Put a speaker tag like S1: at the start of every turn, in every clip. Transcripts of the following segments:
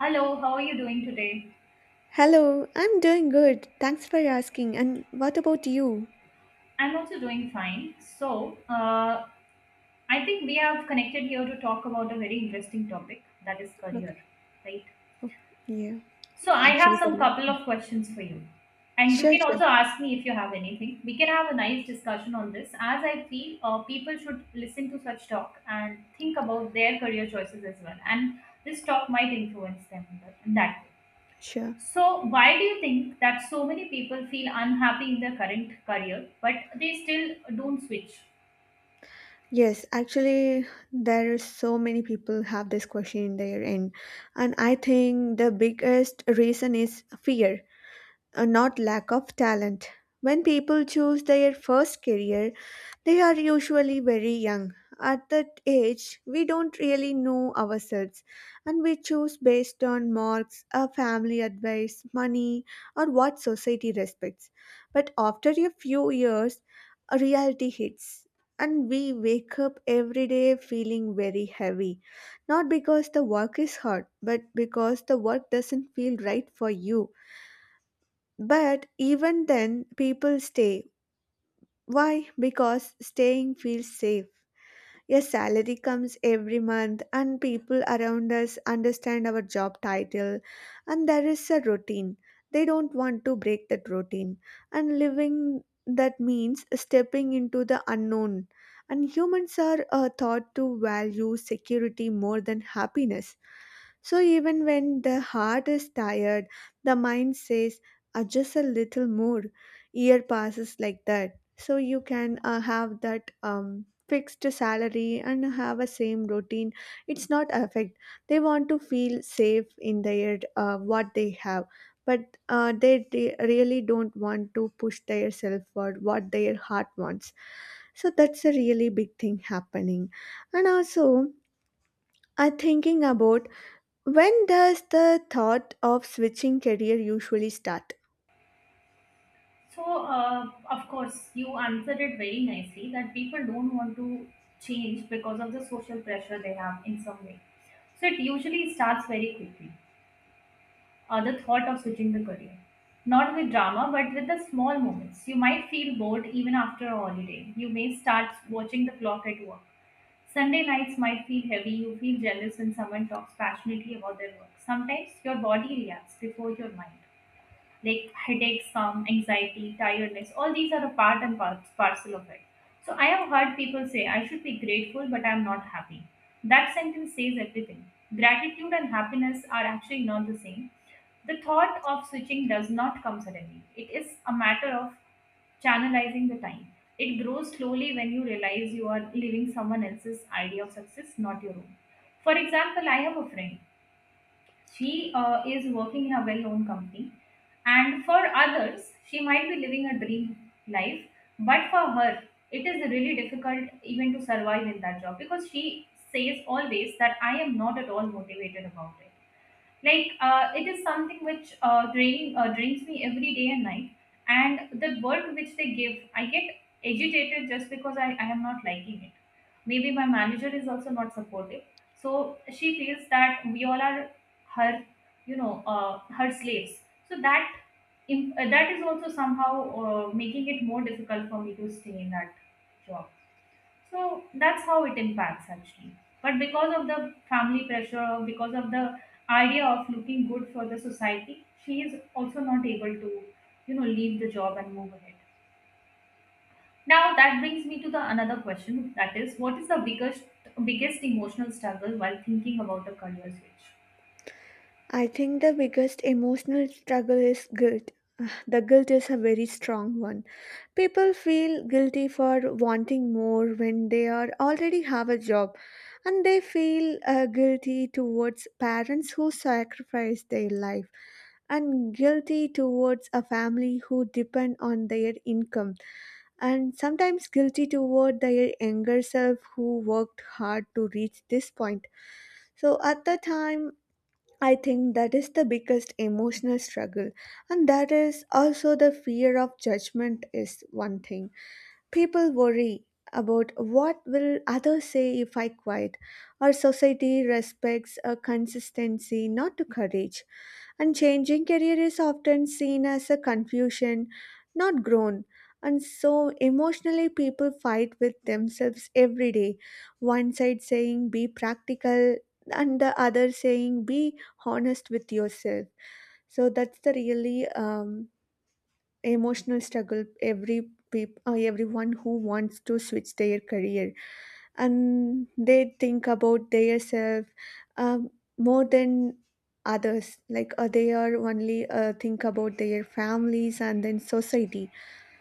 S1: Hello, how are you doing today?
S2: Hello, I'm doing good. Thanks for asking. And what about you?
S1: I'm also doing fine. So, I think we have connected here to talk about a very interesting topic that is
S2: Okay.
S1: career, right?
S2: Oh, yeah.
S1: So, I have
S2: Actually,
S1: some
S2: career.
S1: couple of questions for you, and you
S2: Sure,
S1: can
S2: sure,
S1: also ask me if you have anything. We can have a nice discussion on this, as I feel people should listen to such talk and think about their career choices as well, and this talk might influence them in that way.
S2: sure.
S1: So, why do you think that so many people feel unhappy in their current career, but they still don't switch?
S2: Yes, actually, there are so many people have this question in their end, and I think the biggest reason is fear. Not lack of talent. When people choose their first career, they are usually very young. At that age, we don't really know ourselves and we choose based on marks, our family advice, money, or what society respects. But after a few years, a reality hits and we wake up every day feeling very heavy. Not because the work is hard, but because the work doesn't feel right for you, but even then, people stay. Why? Because staying feels safe. A salary comes every month, and people around us understand our job title, and there is a routine. They don't want to break that routine, and living that means stepping into the unknown. And humans are thought to value security more than happiness. So, even when the heart is tired, the mind says, "Just a little more. Year passes like that. So, you can have that. Fixed salary and have a same routine, it's not affect, they want to feel safe in their what they have, but they really don't want to push their self for what their heart wants, so that's a really big thing happening. And also, I thinking about, when does the thought of switching career usually start?
S1: So, of course, you answered it very nicely that people don't want to change because of the social pressure they have in some way. So, it usually starts very quickly, the thought of switching the career. Not with drama, but with the small moments. You might feel bored even after a holiday. You may start watching the clock at work. Sunday nights might feel heavy, you feel jealous when someone talks passionately about their work. Sometimes your body reacts before your mind, like headaches from anxiety, tiredness, all these are a part and parcel of it. So I have heard people say, I should be grateful, but I'm not happy. That sentence says everything. Gratitude and happiness are actually not the same. The thought of switching does not come suddenly. It is a matter of channelizing the time. It grows slowly when you realize you are living someone else's idea of success, not your own. For example, I have a friend. She is working in a well-known company. And for others, she might be living a dream life, but for her, it is really difficult even to survive in that job, because she says always that I am not at all motivated about it, like it is something which drains me every day and night, and the work which they give, I get agitated just because I am not liking it. Maybe my manager is also not supportive, so she feels that we all are her, you know, her slaves. So that that is also somehow making it more difficult for me to stay in that job. So that's how it impacts actually. But because of the family pressure or because of the idea of looking good for the society, she is also not able to, you know, leave the job and move ahead. Now that brings me to the another question, that is, what is the biggest emotional struggle while thinking about a career switch?
S2: I think the biggest emotional struggle is guilt. The guilt is a very strong one. People feel guilty for wanting more when they are already have a job, and they feel guilty towards parents who sacrifice their life, and guilty towards a family who depend on their income, and sometimes guilty toward their younger self who worked hard to reach this point. So at the time, I think that is the biggest emotional struggle, and that is also the fear of judgment, is one thing. People worry about what will others say if I quiet. Our society respects a consistency, not to courage. And changing career is often seen as a confusion, not grown. And so emotionally, people fight with themselves every day. One side saying, be practical, and the other saying, be honest with yourself. So that's the really emotional struggle every everyone who wants to switch their career and they think about their self, um, more than others, like they are only think about their families and then society,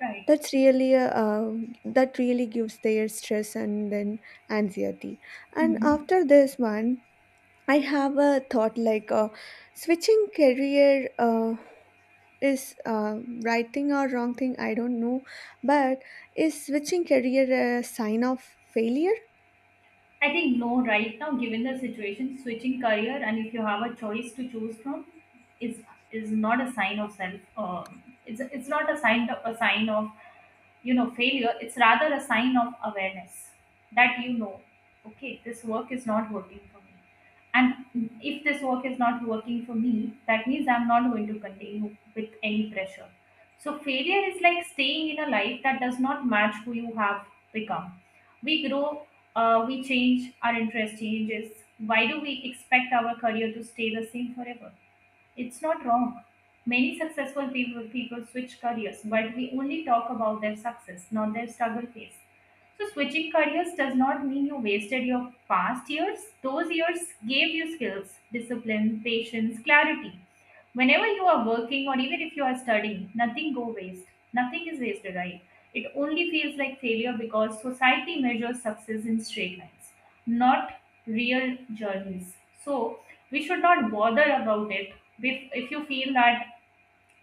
S1: Right.
S2: that's really that really gives their stress and then anxiety. And
S1: Mhm.
S2: after this one, I have a thought like switching career is right thing or wrong thing, I don't know, but is switching career a sign of failure?
S1: I think no, right now, given the situation, switching career, and if you have a choice to choose from, is is not a sign of self. It's not a sign of you know failure. It's rather a sign of awareness that, you know, okay, this work is not working for me, and if this work is not working for me, that means I'm not going to continue with any pressure. So failure is like staying in a life that does not match who you have become. We grow, we change, our interest changes. Why do we expect our career to stay the same forever? It's not wrong. Many successful people switch careers, but we only talk about their success, not their struggle phase. So, switching careers does not mean you wasted your past years. Those years gave you skills, discipline, patience, clarity. Whenever you are working, or even if you are studying, nothing go waste. Nothing is wasted, right? It only feels like failure because society measures success in straight lines, not real journeys. So we should not bother about it. If you feel that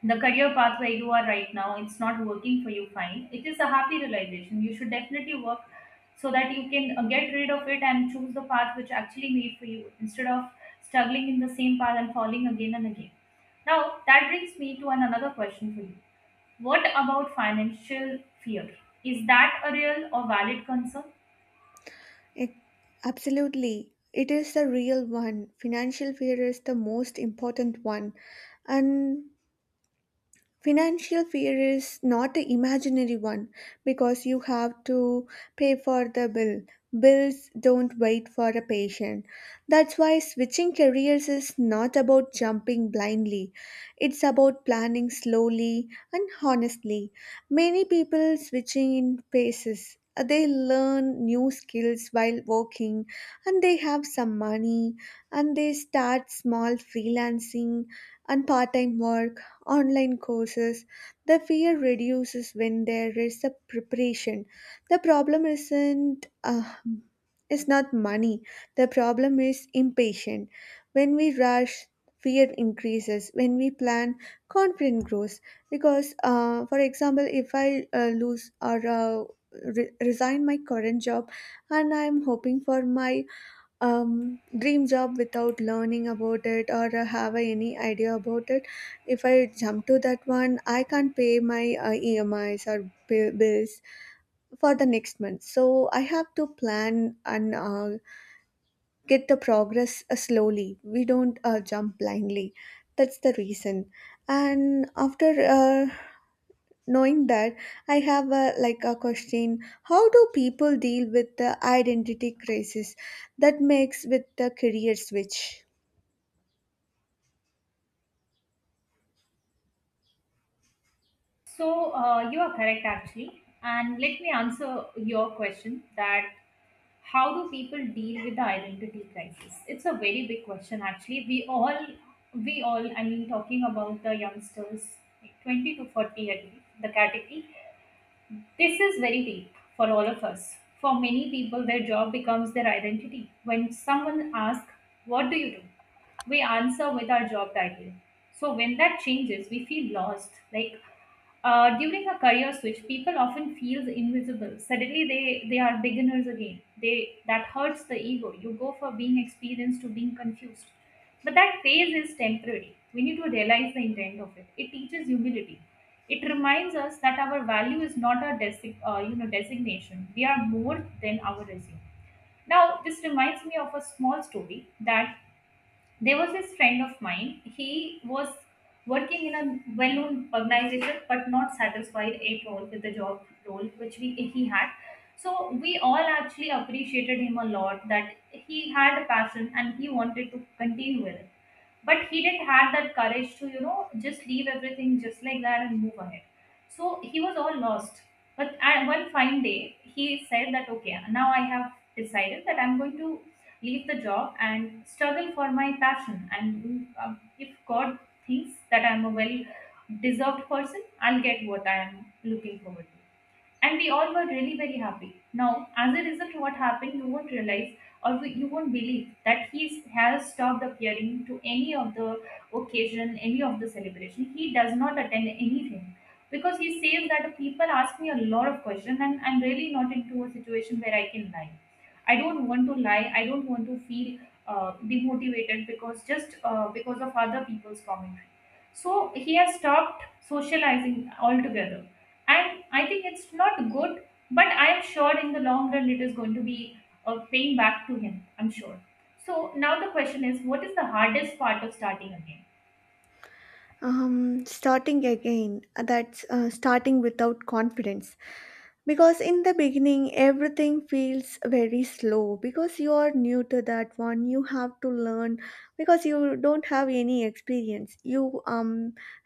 S1: the career path where you are right now, it's not working for you, fine, it is a happy realization. You should definitely work so that you can get rid of it and choose the path which actually made for you, instead of struggling in the same path and falling again and again. Now that brings me to another question for you. What about financial fear? Is that a real or valid concern?
S2: Ex- Absolutely. It is the real one. Financial fear is the most important one. And financial fear is not an imaginary one because you have to pay for the bill. Bills don't wait for a patient. That's why switching careers is not about jumping blindly. It's about planning slowly and honestly. Many people switching in phases. They learn new skills while working, and they have some money, and they start small freelancing and part-time work, online courses. The fear reduces when there is a preparation. The problem isn't is not money. The problem is impatient. When we rush, fear increases. When we plan, confidence grows. Because, for example, if I resign my current job and I'm hoping for my dream job without learning about it, or have I any idea about it. If I jump to that one, I can't pay my EMIs or bills for the next month. So I have to plan and get the progress slowly. We don't jump blindly. That's the reason. And after uh, knowing that, I have a like a question, how do people deal with the identity crisis that makes with the career switch?
S1: So, you are correct actually. And let me answer your question, that how do people deal with the identity crisis. It's a very big question actually. We all, I mean, talking about the youngsters, like 20 to 40, I believe the category, this is very deep for all of us. For many people, their job becomes their identity. When someone asks, "What do you do?" we answer with our job title. So when that changes, we feel lost. Like during a career switch, people often feel invisible. Suddenly, they are beginners again. They That hurts the ego. You go from being experienced to being confused. But that phase is temporary. We need to realize the intent of it. It teaches humility. It reminds us that our value is not a designation. We are more than our resume. Now, this reminds me of a small story, that there was this friend of mine. He was working in a well-known organization, but not satisfied at all with the job role which he had. So we all actually appreciated him a lot, that he had a passion and he wanted to continue with it, but he didn't have that courage to, you know, just leave everything just like that and move ahead. So he was all lost. But at one fine day, he said that, okay, now I have decided that I'm going to leave the job and struggle for my passion, and if God thinks that I'm a well deserved person, I'll get what I am looking forward to. And we all were really very happy. Now, as a result, what happened, you won't realize or you won't believe that he has stopped appearing to any of the occasion, any of the celebration. He does not attend anything because he says that people ask me a lot of questions and I'm really not into a situation where I can lie. I don't want to lie. I don't want to feel demotivated, because of other people's commentary. So he has stopped socializing altogether, and I think it's not good, but I'm sure in the long run it is going to be paying back to him. I'm sure. So now the question is, what is the hardest part of starting again?
S2: Starting again, that's starting without confidence. Because in the beginning, everything feels very slow because you are new to that one. You have to learn because you don't have any experience. You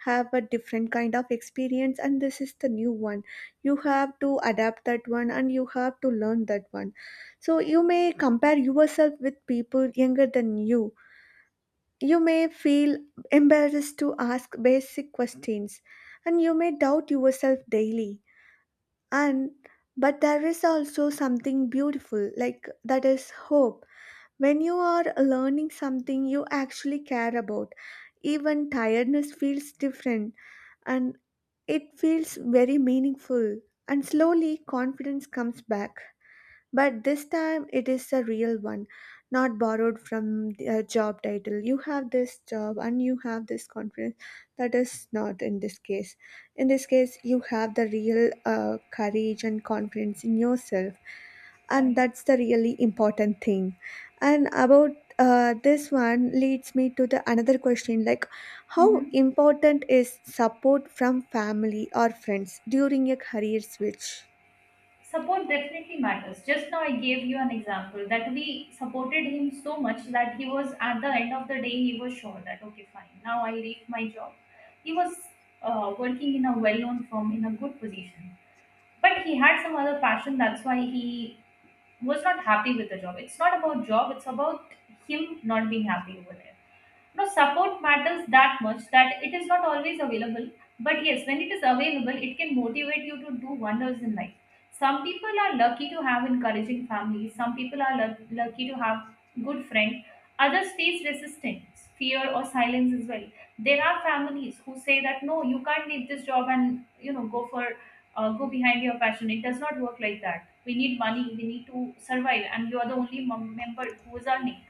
S2: have a different kind of experience, and this is the new one. You have to adapt that one, and you have to learn that one. So you may compare yourself with people younger than you. You may feel embarrassed to ask basic questions, and you may doubt yourself daily. And but there is also something beautiful like that is hope. When you are learning something you actually care about, even tiredness feels different, and it feels very meaningful, and slowly confidence comes back, but this time it is a real one, not borrowed from a job title. You have this job and you have this confidence. That is not in this case. In this case, you have the real courage and confidence in yourself. And
S1: Right.
S2: that's the really important thing. And about this one leads me to the another question like, how
S1: Hmm.
S2: important is support from family or friends during a career switch?
S1: Support definitely matters. Just now I gave you an example, that we supported him so much that he was, at the end of the day, he was sure that, okay fine, now I reach my job. He was working in a well-known firm in a good position, but he had some other passion. That's why he was not happy with the job. It's not about job, it's about him not being happy over there. No, support matters that much, that it is not always available. But yes, when it is available, it can motivate you to do wonders in life. Some people are lucky to have encouraging families. Some people are lucky to have good friends. Others face resistance, fear, or silence as well. There are families who say that no, you can't leave this job, and you know, go for, go behind your passion. It does not work like that. We need money. We need to survive, and you are the only member who is earning.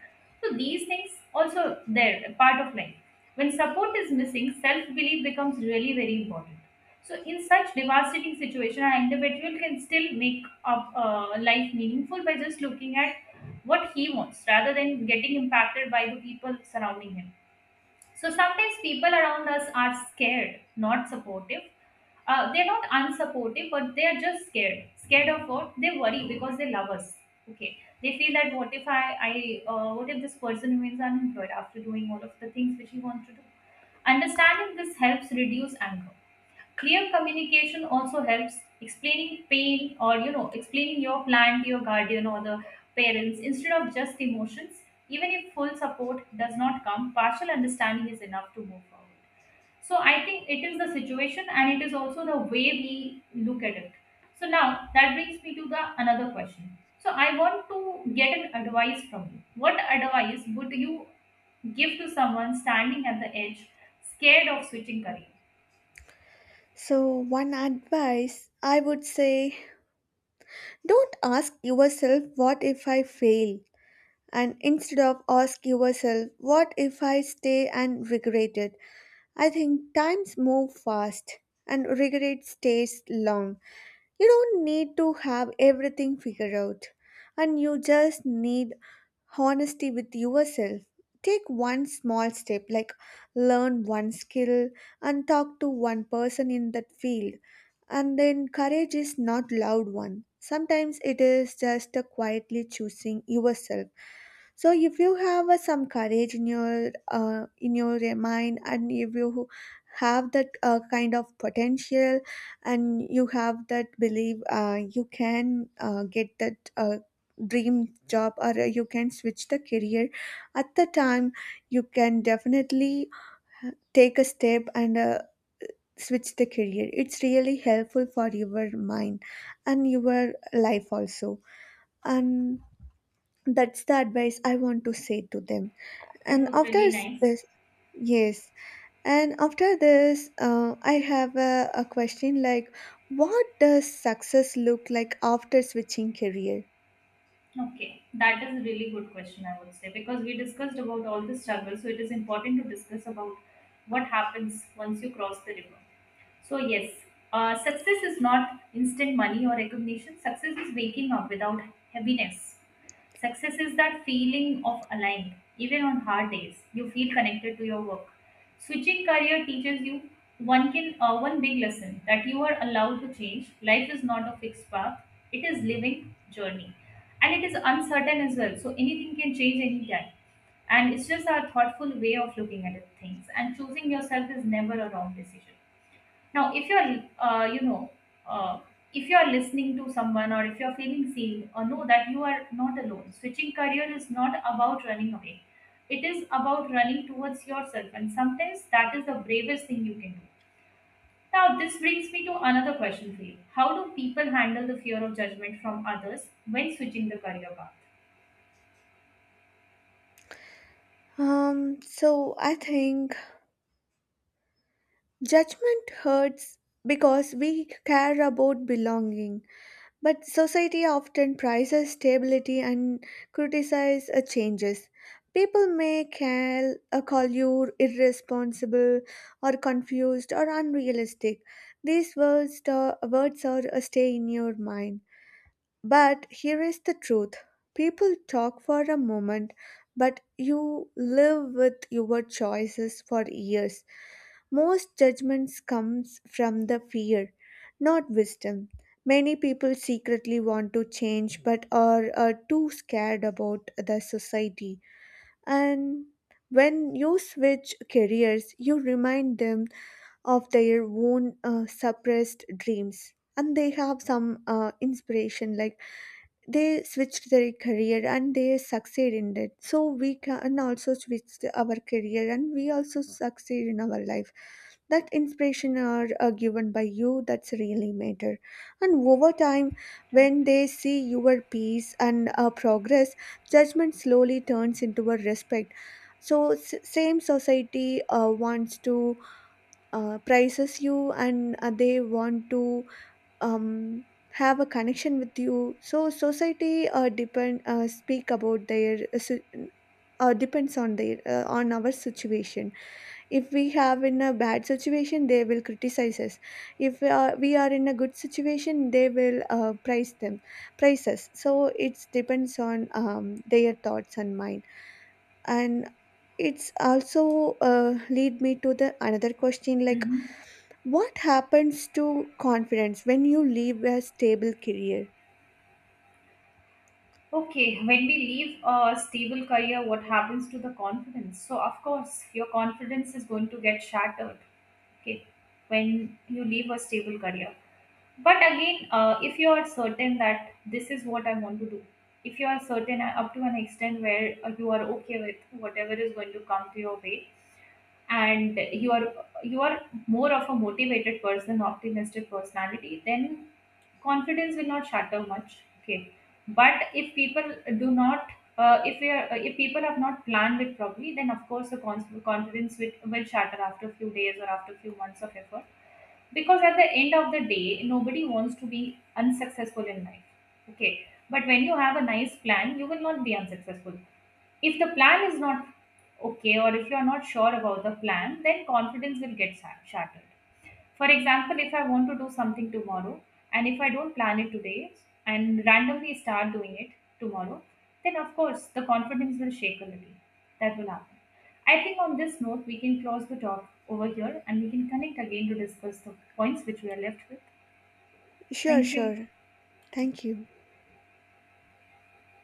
S1: So these things also there a part of life. When support is missing, self-belief becomes really very important. So in such devastating situation, an individual can still make up life meaningful by just looking at what he wants, rather than getting impacted by the people surrounding him. So sometimes people around us are scared, not supportive. They're not unsupportive, but they are just scared of what they worry, because they love us, okay? They feel that, what if I I what if this person remains unemployed after doing all of the things which he wants to do. Understanding this helps reduce anger. Clear communication also helps. Explaining pain, or, you know, explaining your plan to your guardian or the parents, instead of just emotions. Even if full support does not come, partial understanding is enough to move forward. So I think it is the situation, and it is also the way we look at it. So now that brings me to the another question. So I want to get an advice from you. What advice would you give to someone standing at the edge, scared of switching career?
S2: So, one advice I would say, don't ask yourself, what if I fail? And instead of ask yourself, what if I stay and regret it? I think times move fast and regret stays long. You don't need to have everything figured out, and you just need honesty with yourself. Take one small step, like learn one skill and talk to one person in that field. And then courage is not loud one. Sometimes it is just a quietly choosing yourself. So if you have some courage in your mind, and if you have that kind of potential, and you have that belief, you can get that dream job, or you can switch the career. At the time, you can definitely take a step and switch the career. It's really helpful for your mind and your life also. And that's the advice I want to say to them.
S1: That
S2: And
S1: was
S2: after
S1: really nice.
S2: this, yes, and after this, I have a question like, what does success look like after switching career?
S1: Okay, that is a really good question, I would say, because we discussed about all the struggles, so it is important to discuss about what happens once you cross the river. So yes, success is not instant money or recognition. Success is waking up without heaviness. Success is that feeling of aligned. Even on hard days, you feel connected to your work. Switching career teaches you one big lesson, that you are allowed to change. Life is not a fixed path. It is living journey, and it is uncertain as well. So anything can change anytime, and it's just our thoughtful way of looking at it, things, and choosing yourself is never a wrong decision. Now, uh, if you're listening to someone, or if you're feeling seen, know that you are not alone. Switching career is not about running away. It is about running towards yourself, and sometimes that is the bravest thing you can do. Now, this brings me to another question for you. How do people handle the fear of judgment from others when switching the career path?
S2: So I think judgment hurts because we care about belonging. But society often prizes stability and criticizes changes. People may call you irresponsible or confused or unrealistic. These words, words are stay in your mind. But here is the truth, people talk for a moment, but you live with your choices for years. Most judgments comes from the fear, not wisdom. Many people secretly want to change but are too scared about the society. And when you switch careers, you remind them of their own suppressed dreams. And they have some inspiration, like they switched their career and they succeed in it. So we can also switch our career and we also succeed in our life. That inspiration are given by you, that's really matter. And over time,
S1: Right.
S2: when they see your peace and progress, judgment slowly turns into a respect. So same society wants to praises you, and they want to um, have a connection with you. So society depend speak about their si- depends on their on our situation. If we have in a bad situation, they will criticize us. If we are in a good situation, they will praise us. So it depends on their thoughts and mine. And it's also lead me to the another question like,
S1: Mm-hmm.
S2: what happens to confidence when you leave a stable career?
S1: Okay, when we leave a stable career, what happens to the confidence? So, of course, your confidence is going to get shattered. Okay, when you leave a stable career. But again, if you are certain that this is what I want to do, if you are certain up to an extent where you are okay with whatever is going to come to your way, and you are more of a motivated person, optimistic personality, then confidence will not shatter much, okay? But if people do not, if we are, if people have not planned it properly, then of course the confidence will shatter after a few days or after a few months of effort, because at the end of the day nobody wants to be unsuccessful in life. Okay, but when you have a nice plan, you will not be unsuccessful. If the plan is not okay, or if you are not sure about the plan, then confidence will get shattered. For example, if I want to do something tomorrow, and if I don't plan it today and randomly start doing it tomorrow, then of course the confidence will shake a little. That will happen. I think on this note, we can close the talk over here and we can connect again to discuss the points which we are left with.
S2: sure
S1: Thank you.
S2: sure Thank you.